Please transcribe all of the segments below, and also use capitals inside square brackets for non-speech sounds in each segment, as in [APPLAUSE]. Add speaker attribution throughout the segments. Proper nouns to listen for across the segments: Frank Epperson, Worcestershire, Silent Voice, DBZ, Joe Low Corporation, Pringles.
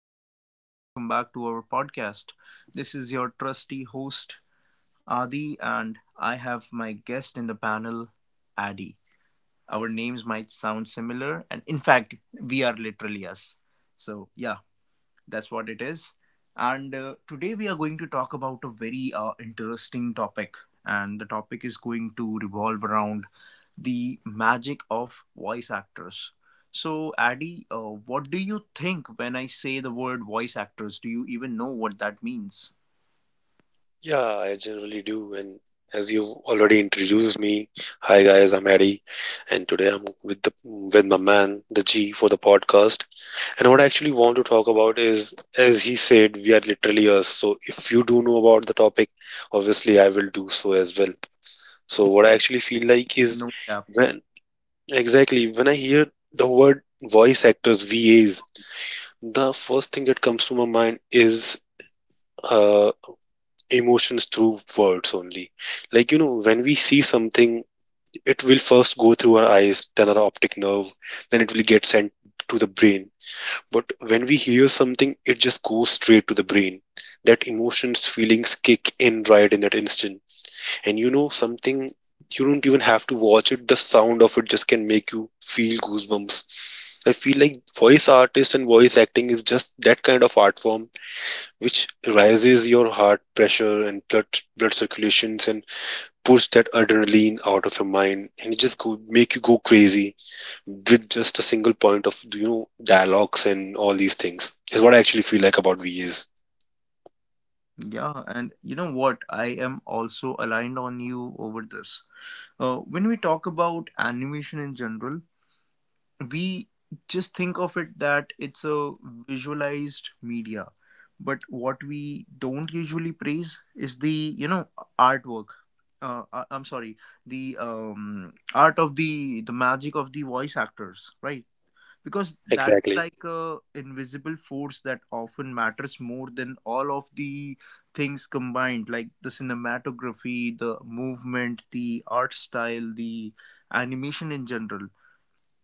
Speaker 1: yeah, welcome back to our podcast. This is your trusty host, Adi, and I have my guest in the panel, Adi. Our names might sound similar, and in fact, we are literally us. So, yeah, that's what it is. And today we are going to talk about a very interesting topic. And the topic is going to revolve around the magic of voice actors. So, Addy, what do you think when I say the word voice actors? Do you even know what that means?
Speaker 2: Yeah, I generally do. And as you've already introduced me, hi guys, I'm Eddie, and today I'm with the with my man, the G, for the podcast. And what I actually want to talk about is, as he said, we are literally us. So if you do know about the topic, obviously I will do so as well. So what I actually feel like is
Speaker 1: No, cap.
Speaker 2: when exactly when I hear the word voice actors, VAs, the first thing that comes to my mind is uh, emotions through words only. Like, you know, when we see something, it will first go through our eyes, then our optic nerve, then it will get sent to the brain. But when we hear something, it just goes straight to the brain. That emotions, feelings kick in right in that instant. And you know, something you don't even have to watch it, the sound of it just can make you feel goosebumps. I feel like voice artists and voice acting is just that kind of art form which raises your heart pressure and blood circulations and push that adrenaline out of your mind and it just go make you go crazy with just a single point of you know dialogues and all these things is what I actually feel like about VAs.
Speaker 1: Yeah, and you know what? I am also aligned on you over this. When we talk about animation in general, we just think of it that it's a visualized media, but what we don't usually praise is the artwork, I'm sorry, the art of the magic of the voice actors, right, because that is
Speaker 2: Exactly.
Speaker 1: like a invisible force that often matters more than all of the things combined, like the cinematography, the movement, the art style, the animation in general.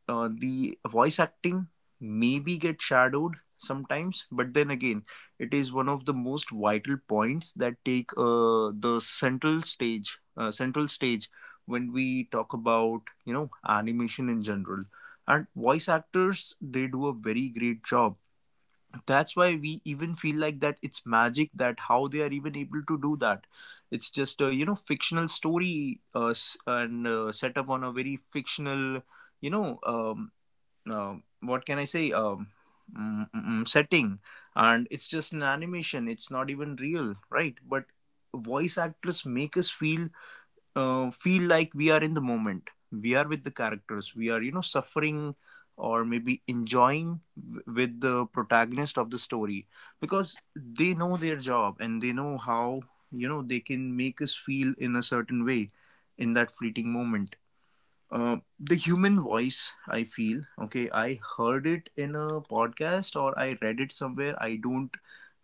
Speaker 1: The voice acting maybe get shadowed sometimes, but then again, it is one of the most vital points that take the central stage when we talk about, animation in general. And voice actors, they do a very great job. That's why we even feel like that it's magic, that how they are even able to do that. It's just a fictional story, and set up on a very fictional, you know um, uh, what can I say, setting, and it's just an animation. It's not even real, right? But voice actors make us feel feel like we are in the moment. We are with the characters. We are, suffering, or maybe enjoying with the protagonist of the story, because they know their job and they know how they can make us feel in a certain way in that fleeting moment. The human voice, I feel, okay, I heard it in a podcast or I read it somewhere, I don't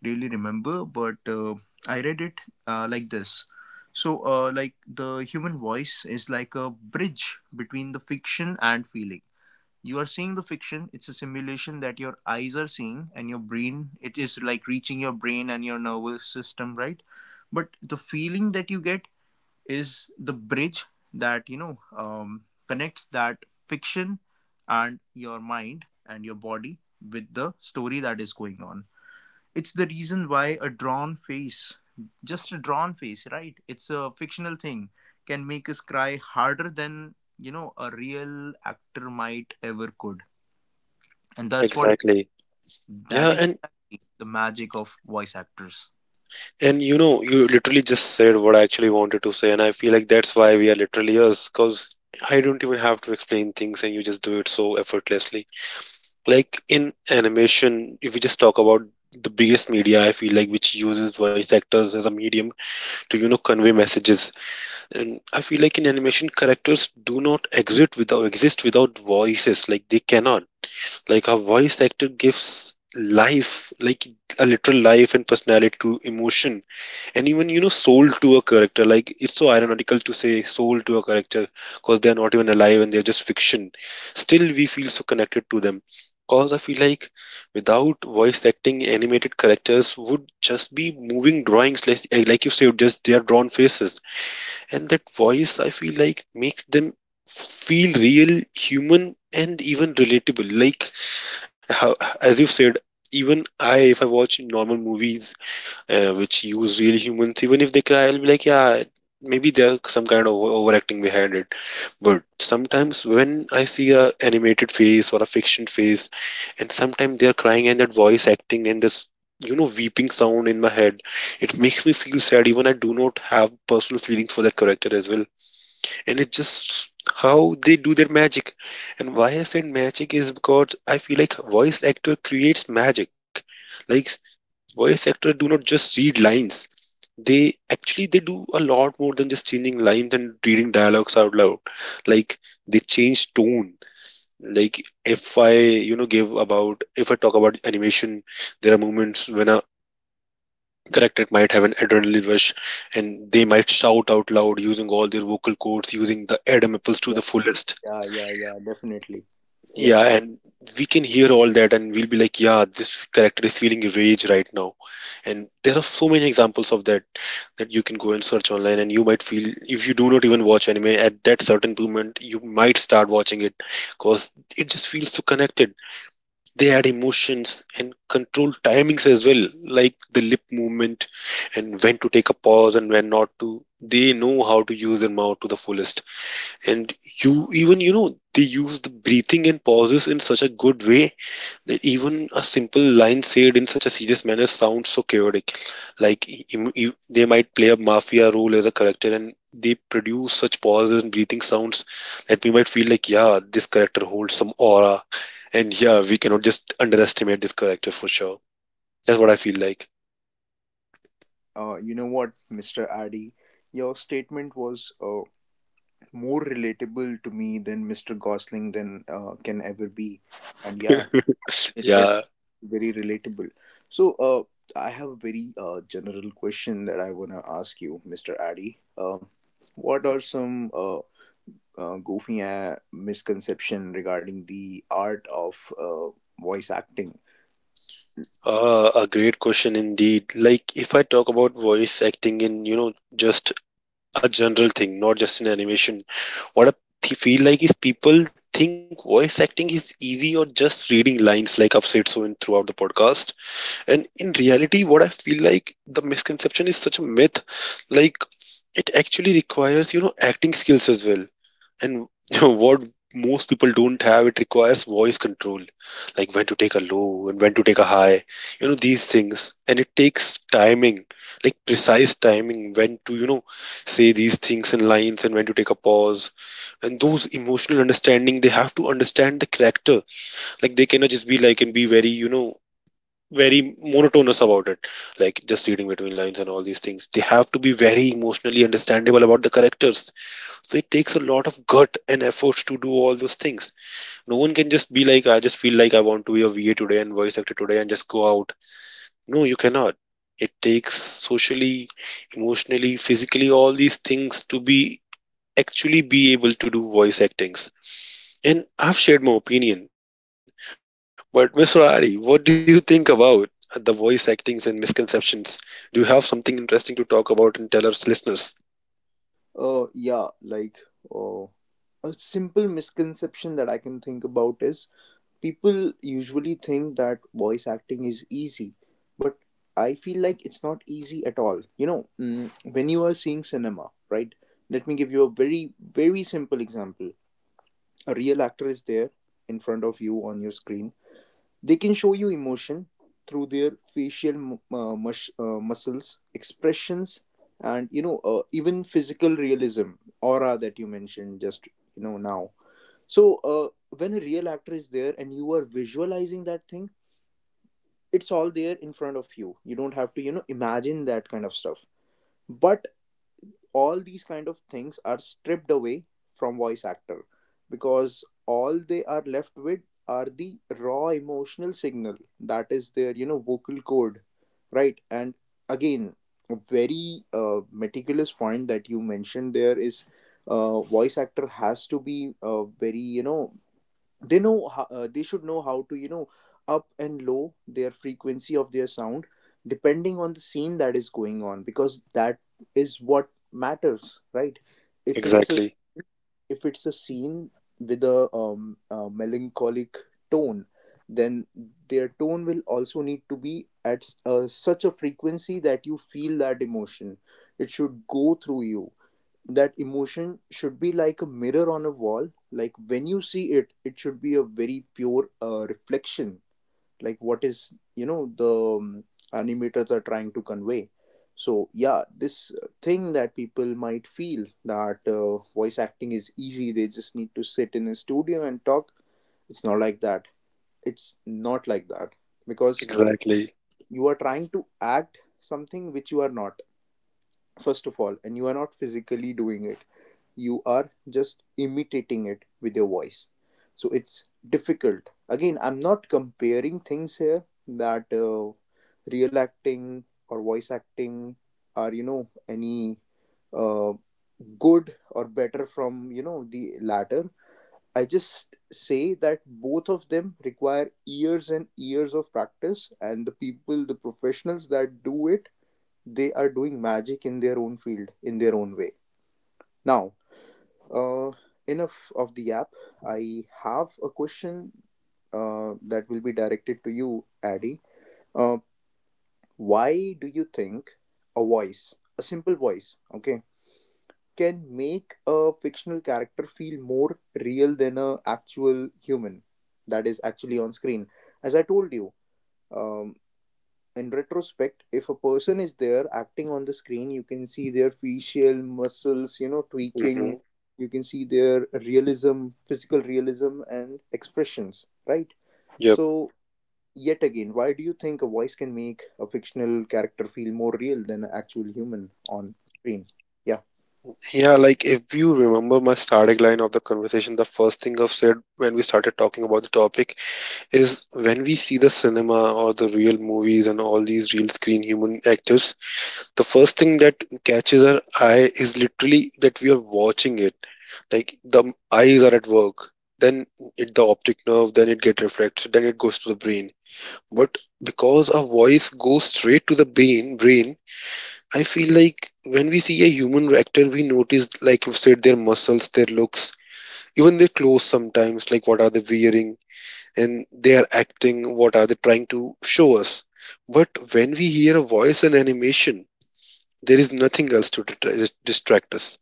Speaker 1: really remember, but I read it like this. So, like, the human voice is like a bridge between the fiction and feeling. You are seeing the fiction, it's a simulation that your eyes are seeing, and your brain, it is like reaching your brain and your nervous system, right? But the feeling that you get is the bridge that, connects that fiction and your mind and your body with the story that is going on. It's the reason why a drawn face, just a drawn face, right, it's a fictional thing, can make us cry harder than, you know, a real actor might ever could. And
Speaker 2: Exactly. Yeah,
Speaker 1: that is
Speaker 2: and
Speaker 1: exactly the magic of voice actors.
Speaker 2: and you know, you literally just said what I actually wanted to say, and I feel like that's why we are literally us, because I don't even have to explain things, and you just do it so effortlessly. Like in animation, if we just talk about the biggest media, I feel like, which uses voice actors as a medium to, you know, convey messages. And I feel like in animation, characters do not exist without voices. Like they cannot, like a voice actor gives life, like a literal life and personality to emotion, and even, you know, sold to a character. Like it's so ironical to say sold to a character because they are not even alive and they're just fiction. Still we feel so connected to them, because I feel like without voice acting, animated characters would just be moving drawings, like, eh, like you said, just they are drawn faces. And that voice, I feel like, makes them feel real, human, and even relatable. Like how, as you said, even I if I watch normal movies which use real humans, even if they cry, I'll be like, yeah, maybe there's some kind of overacting behind it. But sometimes when I see a animated face or a fiction face, and sometimes they are crying, and that voice acting and this, you know, weeping sound in my head, it makes me feel sad even I do not have personal feelings for that character as well. And it's just how they do their magic. And why I said magic is because I feel like voice actor creates magic. Like voice actor do not just read lines. They actually, they do a lot more than just changing lines and reading dialogues out loud. Like they change tone. Like if I, you know, give about if I talk about animation, there are moments when a character might have an adrenaline rush, and they might shout out loud using all their vocal cords, using the adamapples to the fullest.
Speaker 1: Yeah, yeah, yeah, yeah, definitely. Yeah.
Speaker 2: Yeah, and we can hear all that and we'll be like, yeah, this character is feeling rage right now. And there are so many examples of that, that you can go and search online, and you might feel, if you do not even watch anime at that certain moment, you might start watching it, because it just feels so connected. They had emotions and controlled timings as well, like the lip movement and when to take a pause and when not to. They know how to use their mouth to the fullest. And you, even you know, they use the breathing and pauses in such a good way that even a simple line said in such a serious manner sounds so chaotic. Like they might play a mafia role as a character, and they produce such pauses and breathing sounds that we might feel like, yeah, this character holds some aura, and yeah, we cannot just underestimate this character for sure. That's what I feel like.
Speaker 1: You know what, Mr. Addy? Your statement was more relatable to me than Mr. Gosling than can ever be, and yeah, it was
Speaker 2: Yeah,
Speaker 1: very relatable. So, I have a very general question that I wanna ask you, Mr. Addy. What are some goofy misconception regarding the art of voice acting?
Speaker 2: a great question indeed. Like if I talk about voice acting in, you know, just a general thing, not just in animation. What I feel like is people think voice acting is easy or just reading lines, like I've said so in throughout the podcast. And in reality, what I feel like, the misconception is such a myth. Like it actually requires, you know, acting skills as well, and [LAUGHS] what most people don't have, it requires voice control, like when to take a low and when to take a high, you know, these things. And it takes timing, like precise timing, when to, you know, say these things in lines and when to take a pause. And those emotional understanding, they have to understand the character. Like they cannot just be like and be very, you know, very monotonous about it, like just reading between lines and all these things. They have to be very emotionally understandable about the characters. So it takes a lot of gut and efforts to do all those things. No one can just be like, I just feel like I want to be a VA today and voice actor today and just go out. No, you cannot. It takes socially, emotionally, physically, all these things to be actually be able to do voice actings. And I've shared my opinion. But Miss Rari, what do you think about the voice actings and misconceptions? Do you have something interesting to talk about and tell our listeners?
Speaker 1: Yeah, like, uh, a simple misconception that I can think about is people usually think that voice acting is easy, but I feel like it's not easy at all. When you are seeing cinema, right? Let me give you a very, very simple example. A real actor is there in front of you on your screen, they can show you emotion through their facial muscles, expressions, and even physical realism, aura that you mentioned just now. So when a real actor is there and you are visualizing that thing, it's all there in front of you. You don't have to, imagine that kind of stuff. But all these kind of things are stripped away from voice actor, because all they are left with are the raw emotional signal, that is their, vocal cord, right? And again, a very meticulous point that you mentioned there is, voice actor has to be very, they should know how to, up and low their frequency of their sound depending on the scene that is going on, because that is what matters, right? if it's
Speaker 2: Exactly.
Speaker 1: a if it's a scene with a melancholic tone, then their tone will also need to be at such a frequency that you feel that emotion. It should go through you. That emotion should be like a mirror on a wall, like when you see it, it should be a very pure reflection, like what is, the um, animators are trying to convey. So yeah, this thing that people might feel, that voice acting is easy, they just need to sit in a studio and talk, it's not like that. It's not like that, because
Speaker 2: Exactly.
Speaker 1: you are trying to act something which you are not, first of all, and you are not physically doing it, you are just imitating it with your voice. So it's difficult. Again, I'm not comparing things here, that real acting or voice acting are, any uh, good or better from, the latter. I just say that both of them require years and years of practice, and the people, the professionals that do it, they are doing magic in their own field in their own way. Now, uh, enough of the app. I have a question that will be directed to you, Addy. Uh, why do you think a voice, a simple voice, okay, can make a fictional character feel more real than a actual human that is actually on screen? As I told you, um, in retrospect, if a person is there acting on the screen, you can see their facial muscles,
Speaker 2: Mm-hmm.
Speaker 1: tweaking. You can see their realism, physical realism, and expressions, right?
Speaker 2: Yep.
Speaker 1: So, yet again, why do you think a voice can make a fictional character feel more real than an actual human on screen? Yeah.
Speaker 2: Yeah, like if you remember my starting line of the conversation, the first thing I've said when we started talking about the topic is when we see the cinema or the real movies and all these real screen human actors, the first thing that catches our eye is literally that we are watching it. Like the eyes are at work, then it the optic nerve, then it get refracted, then it goes to the brain. But because our voice goes straight to the brain, I feel like when we see a human actor, we notice, like you've said, their muscles, their looks, even their clothes sometimes, like what are they wearing and they are acting, what are they trying to show us. But when we hear a voice and animation, there is nothing else to distract us,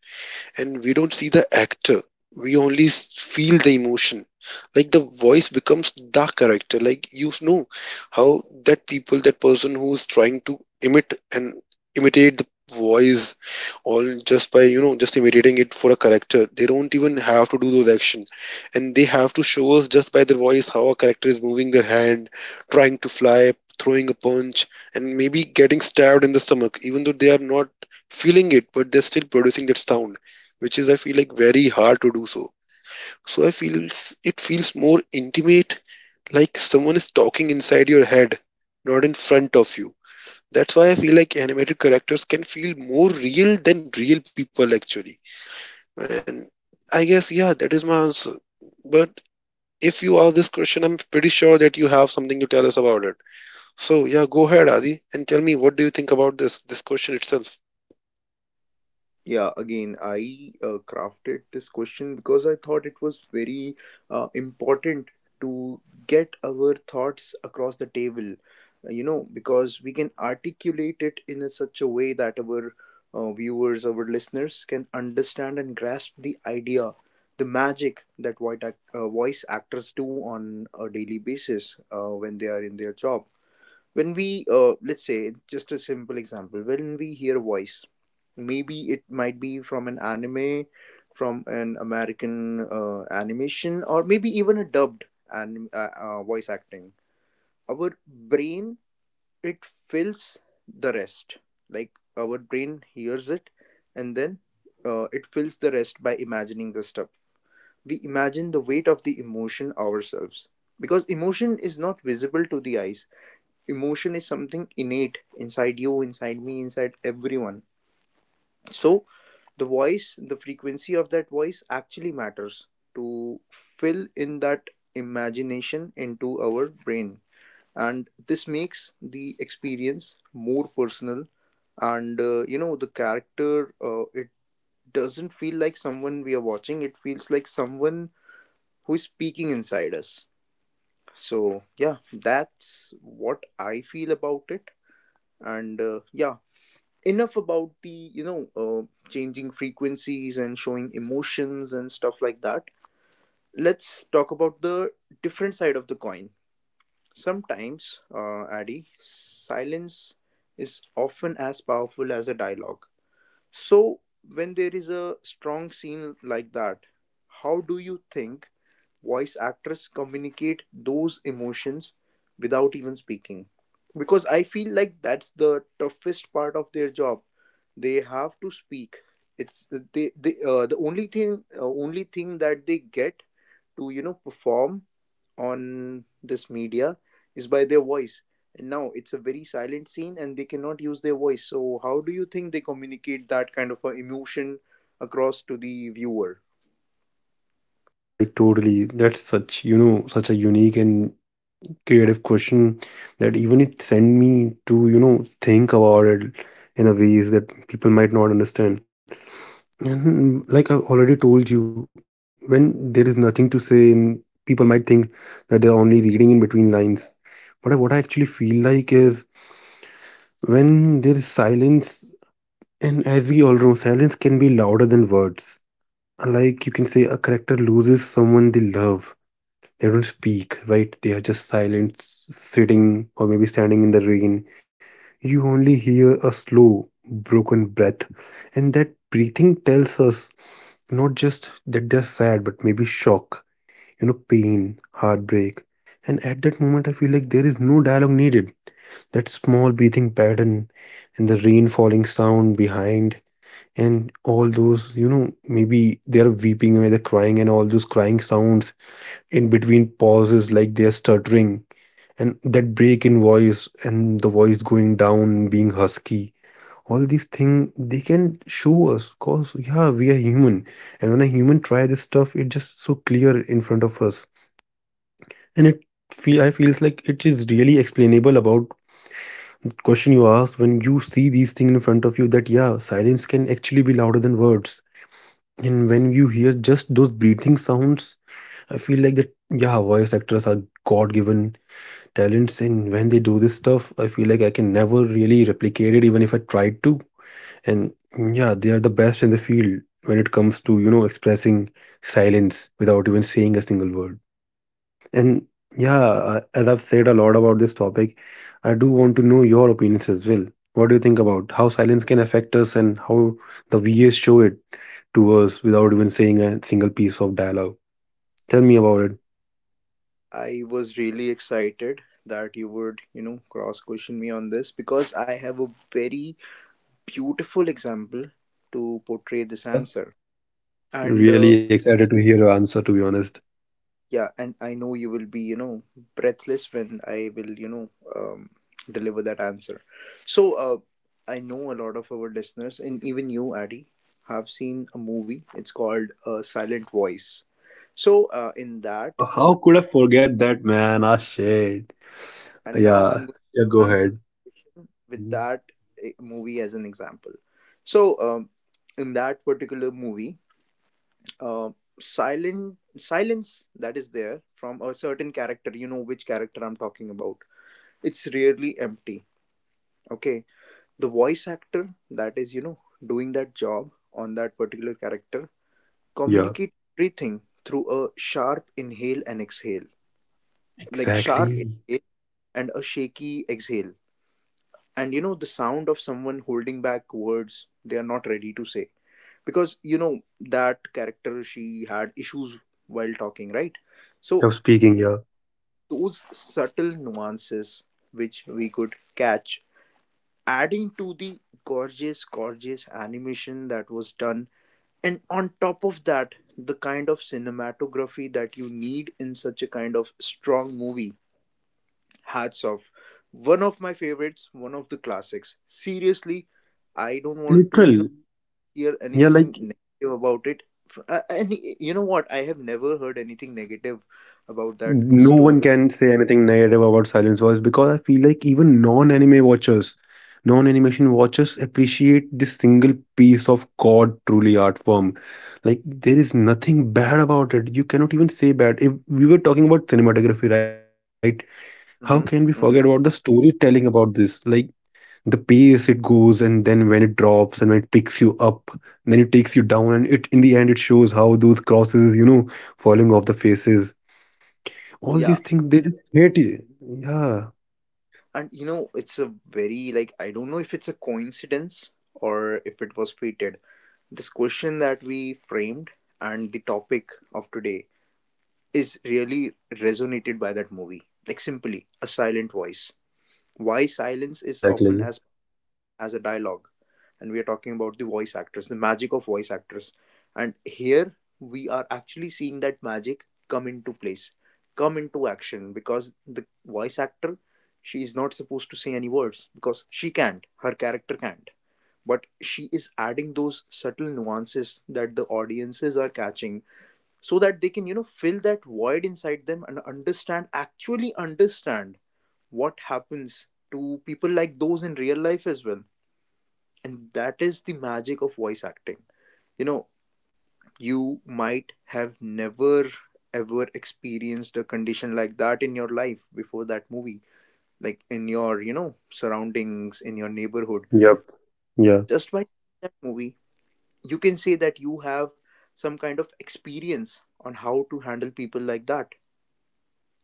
Speaker 2: and we don't see the actor. We only feel the emotion. Like the voice becomes the character. Like, you know, how that people, that person who's trying to imit and imitate the voice, all just by, you know, just imitating it for a character, they don't even have to do those action. And they have to show us just by their voice how a character is moving their hand, trying to fly, throwing a punch, and maybe getting stabbed in the stomach, even though they are not feeling it, but they're still producing that sound, which is, I feel like, very hard to do so. So I feel it feels more intimate, like someone is talking inside your head, not in front of you. That's why I feel like animated characters can feel more real than real people actually. And I guess, yeah, that is my answer. But if you ask this question, I'm pretty sure that you have something to tell us about it. So yeah, go ahead, Adi, and tell me what do you think about this question itself.
Speaker 1: Yeah, again, I crafted this question because I thought it was very important to get our thoughts across the table, because we can articulate it in, such a way that our viewers, our listeners, can understand and grasp the idea, the magic that voice actors do on a daily basis when they are in their job. When we, let's say, just a simple example, when we hear a voice, maybe it might be from an anime, from an American animation, or maybe even a dubbed voice acting, our brain, it fills the rest. Like, our brain hears it, and then, it fills the rest by imagining the stuff. We imagine the weight of the emotion ourselves, because emotion is not visible to the eyes. Emotion is something innate inside you, inside me, inside everyone. So the voice, the frequency of that voice, actually matters to fill in that imagination into our brain, and this makes the experience more personal. And, the character, it doesn't feel like someone we are watching, it feels like someone who is speaking inside us. So yeah, that's what I feel about it. And yeah, enough about the changing frequencies and showing emotions and stuff like that. Let's talk about the different side of the coin. Sometimes, Addy, silence is often as powerful as a dialogue. So when there is a strong scene like that, how do you think voice actress communicate those emotions without even speaking? Because I feel like that's the toughest part of their job. They have to speak. It's, the only thing that they get to, you know, perform on this media is by their voice, and now it's a very silent scene and they cannot use their voice, so how do you think they communicate that kind of a emotion across to the viewer?
Speaker 2: Yeah, like totally. That's such, you know, such a unique and creative question that even it sent me to, you know, think about it in a ways that people might not understand. And like I've already told you, when there is nothing to say and people might think that they're only reading in between lines, but what I actually feel like is, when there is silence, and as we all know, silence can be louder than words. Like you can say a character loses someone they love, they don't speak, right? They are just silent, sitting or maybe standing in the rain. You only hear a slow, broken breath, and that breathing tells us not just that they're sad, but maybe shock, you know, pain, heartbreak. And at that moment, I feel like there is no dialogue needed. That small breathing pattern and the rain falling sound behind, and all those, maybe they're weeping, maybe they're crying, and all those crying sounds in between pauses, like they're stuttering, and that break in voice, and the voice going down, being husky. All these thing they can show us, cause yeah, we are human, and when a human try this stuff, it just so clear in front of us. And it feels like it is really explainable about question you asked, when you see these things in front of you, that yeah, silence can actually be louder than words. And when you hear just those breathing sounds, I feel like that yeah, voice actors are god-given talents, and when they do this stuff, I feel like I can never really replicate it even if I tried to. And yeah, they are the best in the field when it comes to, expressing silence without even saying a single word. And yeah, as I've said a lot about this topic, I do want to know your opinions as well. What do you think about how silence can affect us and how the VAs show it to us without even saying a single piece of dialogue? Tell me about it.
Speaker 1: I was really excited that you would, you know, cross question me on this, because I have a very beautiful example to portray this
Speaker 2: Yeah.
Speaker 1: answer. And
Speaker 2: Really excited to hear your answer, to be honest.
Speaker 1: yeah, and I know you will be, you know, breathless when I will, you know, um, deliver that answer. So, I know a lot of our listeners, and even you, Addy, have seen a movie. It's called Silent Voice. So in that,
Speaker 2: Oh, how could I forget that, man? Ah, shit.
Speaker 1: and now I'm
Speaker 2: Yeah,
Speaker 1: going
Speaker 2: yeah,
Speaker 1: to
Speaker 2: go
Speaker 1: answer
Speaker 2: ahead.
Speaker 1: this question with that movie as an example. So, um, in that particular movie, uh, silent silence that is there from a certain character, you know which character I'm talking about. It's rarely empty. Okay, the voice actor that is, you know, doing that job on that particular character
Speaker 2: Yeah.
Speaker 1: communicate everything through a sharp inhale and exhale, like sharp
Speaker 2: Exactly.
Speaker 1: inhale and a shaky exhale, and you know the sound of someone holding back words they are not ready to say, because you know that character she had issues while talking, right? So
Speaker 2: You're speaking here.
Speaker 1: those subtle nuances which we could catch, adding to the gorgeous animation that was done, and on top of that the kind of cinematography that you need in such a kind of strong movie. Hats off. One of my favorites, one of the classics. Seriously,
Speaker 2: And
Speaker 1: I don't want to,
Speaker 2: literal.
Speaker 1: hear
Speaker 2: Yeah,
Speaker 1: anything
Speaker 2: like
Speaker 1: negative about it. And you know what? I have never heard anything negative about that
Speaker 2: no one
Speaker 1: story.
Speaker 2: can say anything negative about Silence Voice, because I feel like even non-anime watchers, non-animation watchers appreciate this single piece of God truly art form. Like there is nothing bad about it. You cannot even say bad. If we were talking about cinematography, right? How can we forget
Speaker 1: Hmm.
Speaker 2: about the
Speaker 1: Hmm.
Speaker 2: storytelling about this? Like the pace it goes, and then when it drops and when it picks you up, and then it takes you down, and it in the end it shows how those crosses, you know, falling off the faces, all these
Speaker 1: Yeah.
Speaker 2: things, they just hate you, yeah.
Speaker 1: And you know, it's a very, like, I don't know if it's a coincidence or if it was fated. This question that we framed and the topic of today is really resonated by that movie. Like, simply, a silent voice. Why silence is often
Speaker 2: Exactly.
Speaker 1: as a dialogue, and we are talking about the voice actors, the magic of voice actors, and here we are actually seeing that magic come into place, come into action, because the voice actor, she is not supposed to say any words because she can't, her character can't, but she is adding those subtle nuances that the audiences are catching so that they can, you know, fill that void inside them and understand, actually understand, what happens to people like those in real life as well. And that is the magic of voice acting. You know, you might have never ever experienced a condition like that in your life before that movie, like in your, you know, surroundings, in your neighborhood.
Speaker 2: Yep. Yeah,
Speaker 1: Just by that movie, you can say that you have some kind of experience on how to handle people like that,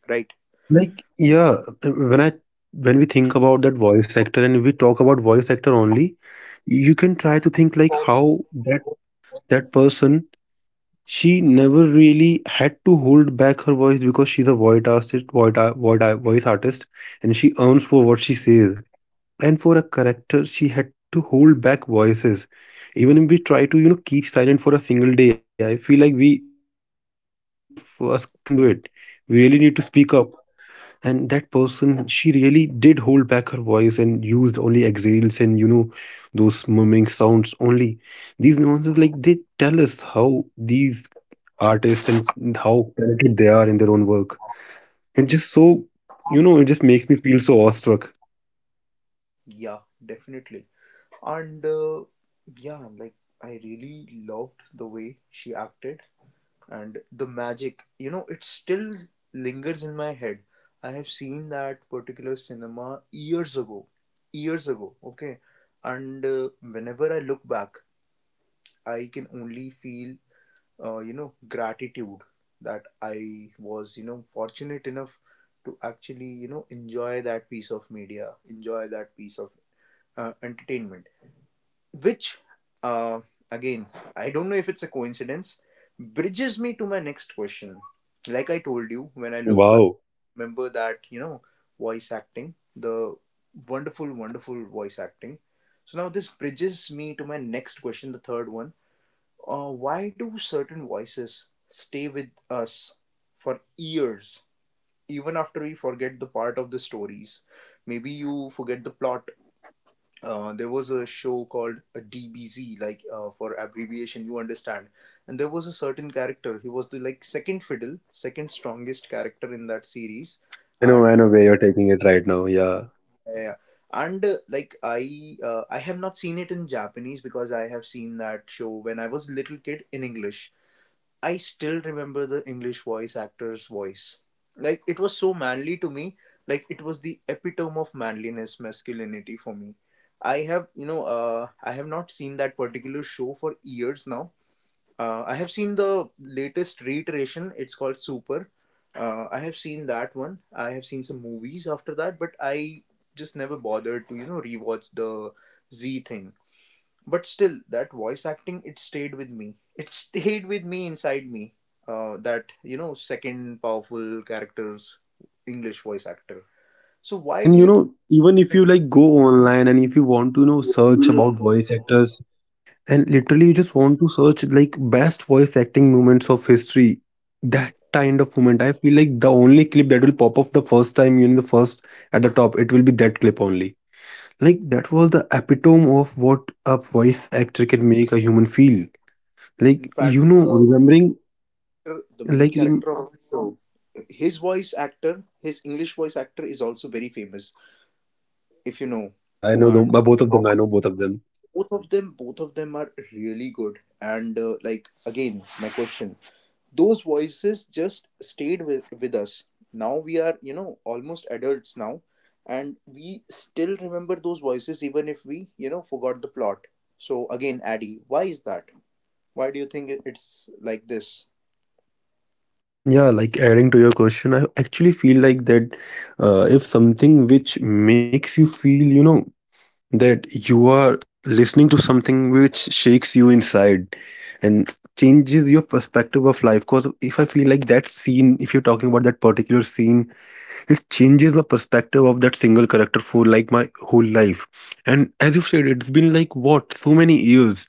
Speaker 1: right?
Speaker 2: like yeah, when i when we think about that voice actor, and we talk about voice actor only, you can try to think like how that person. She never really had to hold back her voice because she's a voice artist, voice artist, and she earns for what she says. And for a character, she had to hold back voices. Even if we try to, keep silent for a single day, I feel like we no, none of us can do it. We really need to
Speaker 1: Mhm.
Speaker 2: speak up. And that person, she really did hold back her voice and used only exhales and those murmuring sounds only. These nuances, like they tell us how these artists and how talented they are in their own work. And just so, it just makes me feel so awestruck.
Speaker 1: Yeah, definitely. And yeah, like I really loved the way she acted, and the magic, you know, it still lingers in my head. I have seen that particular cinema years ago, years ago, okay? And whenever I look back, I can only feel you know, gratitude that I was, you know, fortunate enough to actually, you know, enjoy that piece of media, enjoy that piece of entertainment, which, uh, again, I don't know if it's a coincidence, bridges me to my next question. Like I told you, when I look
Speaker 2: Wow.
Speaker 1: back, remember that, you know, voice acting, the wonderful voice acting. So now this bridges me to my next question, the third one. Why do certain voices stay with us for years, even after we forget the part of the stories? Maybe you forget the plot. There was a show called a DBZ, like, for abbreviation, you understand. And there was a certain character. He was the, like, second fiddle, second strongest character in that series,
Speaker 2: I
Speaker 1: and
Speaker 2: know where you're taking it right now. Yeah.
Speaker 1: uh, and like I have not seen it in Japanese because I have seen that show when I was little kid in English. I still remember the English voice actor's voice. Like it was so manly to me. Like it was the epitome of manliness, masculinity for me. I have, you know, I have not seen that particular show for years now. I have seen the latest reiteration. It's called Super. I have seen that one. I have seen some movies after that, but I just never bothered to, you know, rewatch the Z thing. But still, that voice acting, it stayed with me. It stayed with me inside me. That, you know, second powerful character's English voice actor. So
Speaker 2: And
Speaker 1: why
Speaker 2: you
Speaker 1: do you,
Speaker 2: know, even if you like go online, and if you want to, search about voice actors, and literally you just want to search like best voice acting moments of history, that kind of moment, I feel like the only clip that will pop up the first time, in the first at the top, it will be that clip only. Like that was the epitome of what a voice actor can make a human feel. Like
Speaker 1: in
Speaker 2: you
Speaker 1: fact,
Speaker 2: know,
Speaker 1: the main
Speaker 2: like rem-
Speaker 1: character of the show, his voice actor, his English voice actor is also very famous. If you know
Speaker 2: yeah, yeah, I
Speaker 1: who
Speaker 2: know the,
Speaker 1: are
Speaker 2: both of them. I know both of them.
Speaker 1: both of them are really good. And like again, my question: those voices just stayed with us. Now we are, you know, almost adults now, and we still remember those voices even if we, you know, forgot the plot. So again, Addy, why is that? Why do you think it's like this?
Speaker 2: Yeah, like adding to your question, I actually feel like that if something which makes you feel, that you are listening to something which shakes you inside and changes your perspective of life. Because if I feel like that scene, if you're talking about that particular scene, it changes the perspective of that single character for like my whole life, and as you've said, it's been like what, so many years,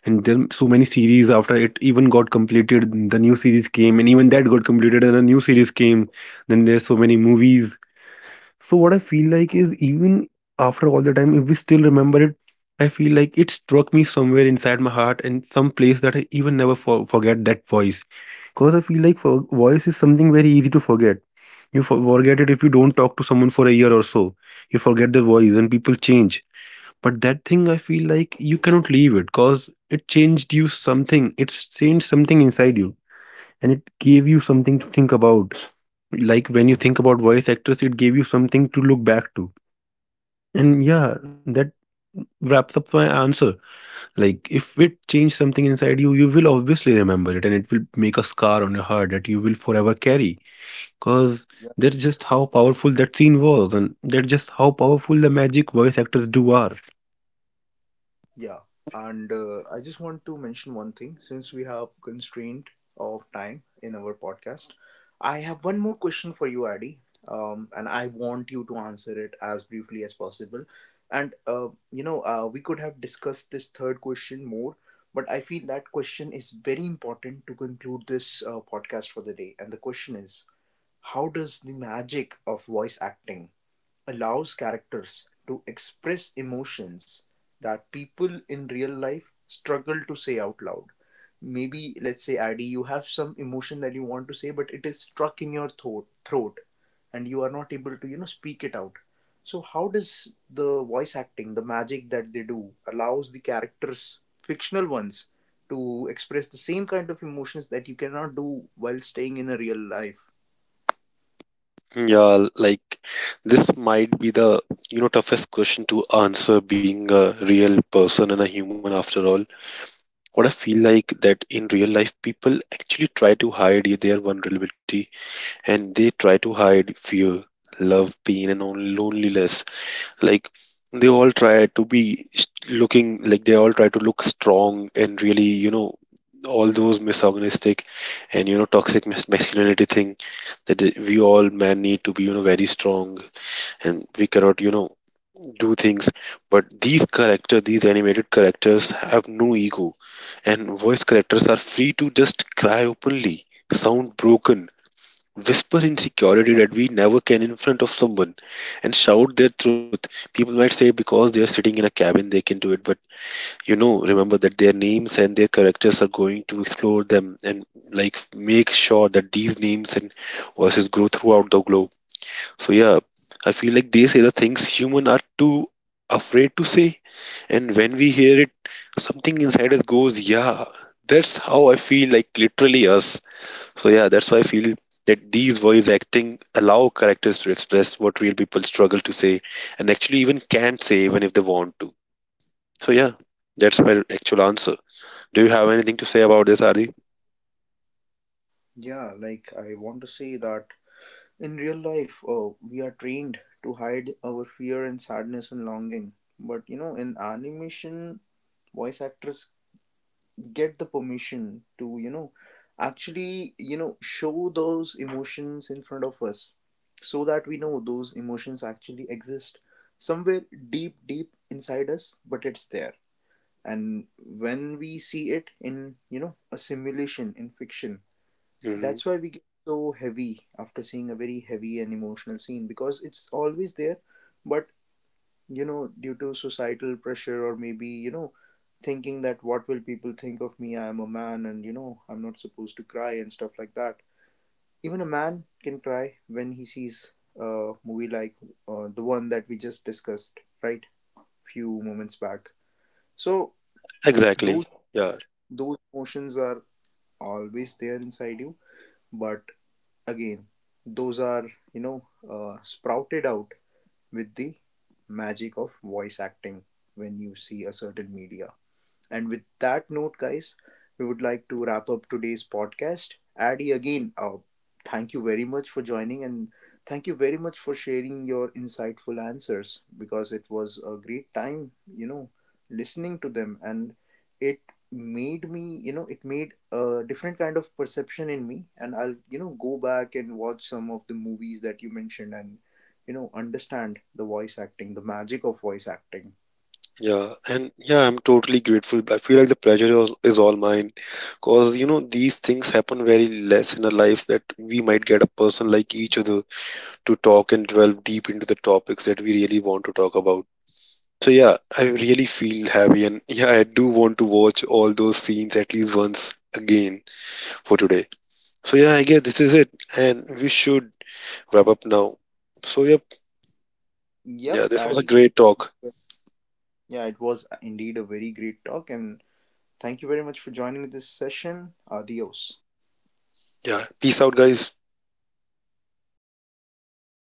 Speaker 2: and then so many series after it even got completed, the new series came, and even that got completed, and a new series came, then there's so many movies. So what I feel like is, even after all the time, if we still remember it, I feel like it struck me somewhere inside my heart, and some place that I even never forget that voice, because I feel like voice is something very easy to forget. You forget it if you don't talk to someone for a year or so. You forget their voice and people change. But that thing, I feel like you cannot leave it because it changed you something. It's changed something inside you, and it gave you something to think about. Like when you think about voice actors, it gave you something to look back to. And yeah, that wraps up my answer. Like, if it changed something inside you, you will obviously remember it, and it will make a scar on your heart that you will forever carry. Because that's just how powerful that scene was, and that's just how powerful the magic voice actors do are.
Speaker 1: Yeah, and I just want to mention one thing, since we have constraint of time in our podcast. I have one more question for you, Adi, and I want you to answer it as briefly as possible. And you know, we could have discussed this third question more, but I feel that question is very important to conclude this podcast for the day. And the question is, how does the magic of voice acting allows characters to express emotions that people in real life struggle to say out loud? Maybe, let's say, Adi, you have some emotion that you want to say, but it is stuck in your throat and you are not able to, you know, speak it out. So, how does the voice acting, the magic that they do, allows the characters, fictional ones, to express the same kind of emotions that you cannot do while staying in a real life?
Speaker 2: Yeah, like this might be the, toughest question to answer, being a real person and a human after all. What I feel like that in real life, people actually try to hide their vulnerability, and they try to hide fear, love, pain, and loneliness. Like they all try to be s- looking like they all try to look strong, and really, you know, all those misogynistic and, you know, toxic masculinity thing, that we all men need to be, you know, very strong, and we cannot, you know, do things. But these characters, these animated characters, have no ego, and voice characters are free to just cry openly, sound broken, whisper insecurity that we never can in front of someone, and shout their truth. People might say, because they are sitting in a cabin, they can do it, but you know, remember that their names and their characters are going to explore them, and like make sure that these names and voices grow throughout the globe. So yeah, I feel like they say the things human are too afraid to say, and when we hear it, something inside us goes, yeah, that's how I feel, like literally us. So yeah, that's why I feel that these voice acting allow characters to express what real people struggle to say, and actually even can't say even if they want to. So yeah, that's my actual answer. Do you have anything to say about this, Adi?
Speaker 1: Yeah, like I want to say that in real life, we are trained to hide our fear and sadness and longing. But you know, in animation, voice actors get the permission to, you know, actually, you know, show those emotions in front of us, so that we know those emotions actually exist somewhere deep, deep inside us, but it's there. And when we see it in, you know, a simulation in fiction,
Speaker 2: Hmm.
Speaker 1: that's why we get so heavy after seeing a very heavy and emotional scene, because it's always there, but you know, due to societal pressure or maybe, you know, thinking that what will people think of me? I'm a man, and you know, I'm not supposed to cry and stuff like that. Even a man can cry when he sees a movie like the one that we just discussed, right? Few moments back. So
Speaker 2: Exactly.
Speaker 1: those
Speaker 2: Yeah,
Speaker 1: those emotions are always there inside you, but again, those are, you know, sprouted out with the magic of voice acting when you see a certain media. And with that note, guys, we would like to wrap up today's podcast. Addy, again, thank you very much for joining, and thank you very much for sharing your insightful answers, because it was a great time, you know, listening to them. And it made me, you know, it made a different kind of perception in me. And I'll, you know, go back and watch some of the movies that you mentioned and, you know, understand the voice acting, the magic of voice acting.
Speaker 2: yeah, and yeah, I'm totally grateful. I feel like the pleasure is all mine, cause you know, these things happen very less in our life, that we might get a person like each other to talk and delve deep into the topics that we really want to talk about. So yeah, I really feel happy, and yeah, I do want to watch all those scenes at least once again for today. So yeah, I guess this is it, and we should wrap up now. So yep,
Speaker 1: Yep,
Speaker 2: yeah, this was a
Speaker 1: Addy.
Speaker 2: great talk.
Speaker 1: Yeah, it was indeed a very great talk, and thank you very much for joining this session. Adios.
Speaker 2: Yeah, peace out guys.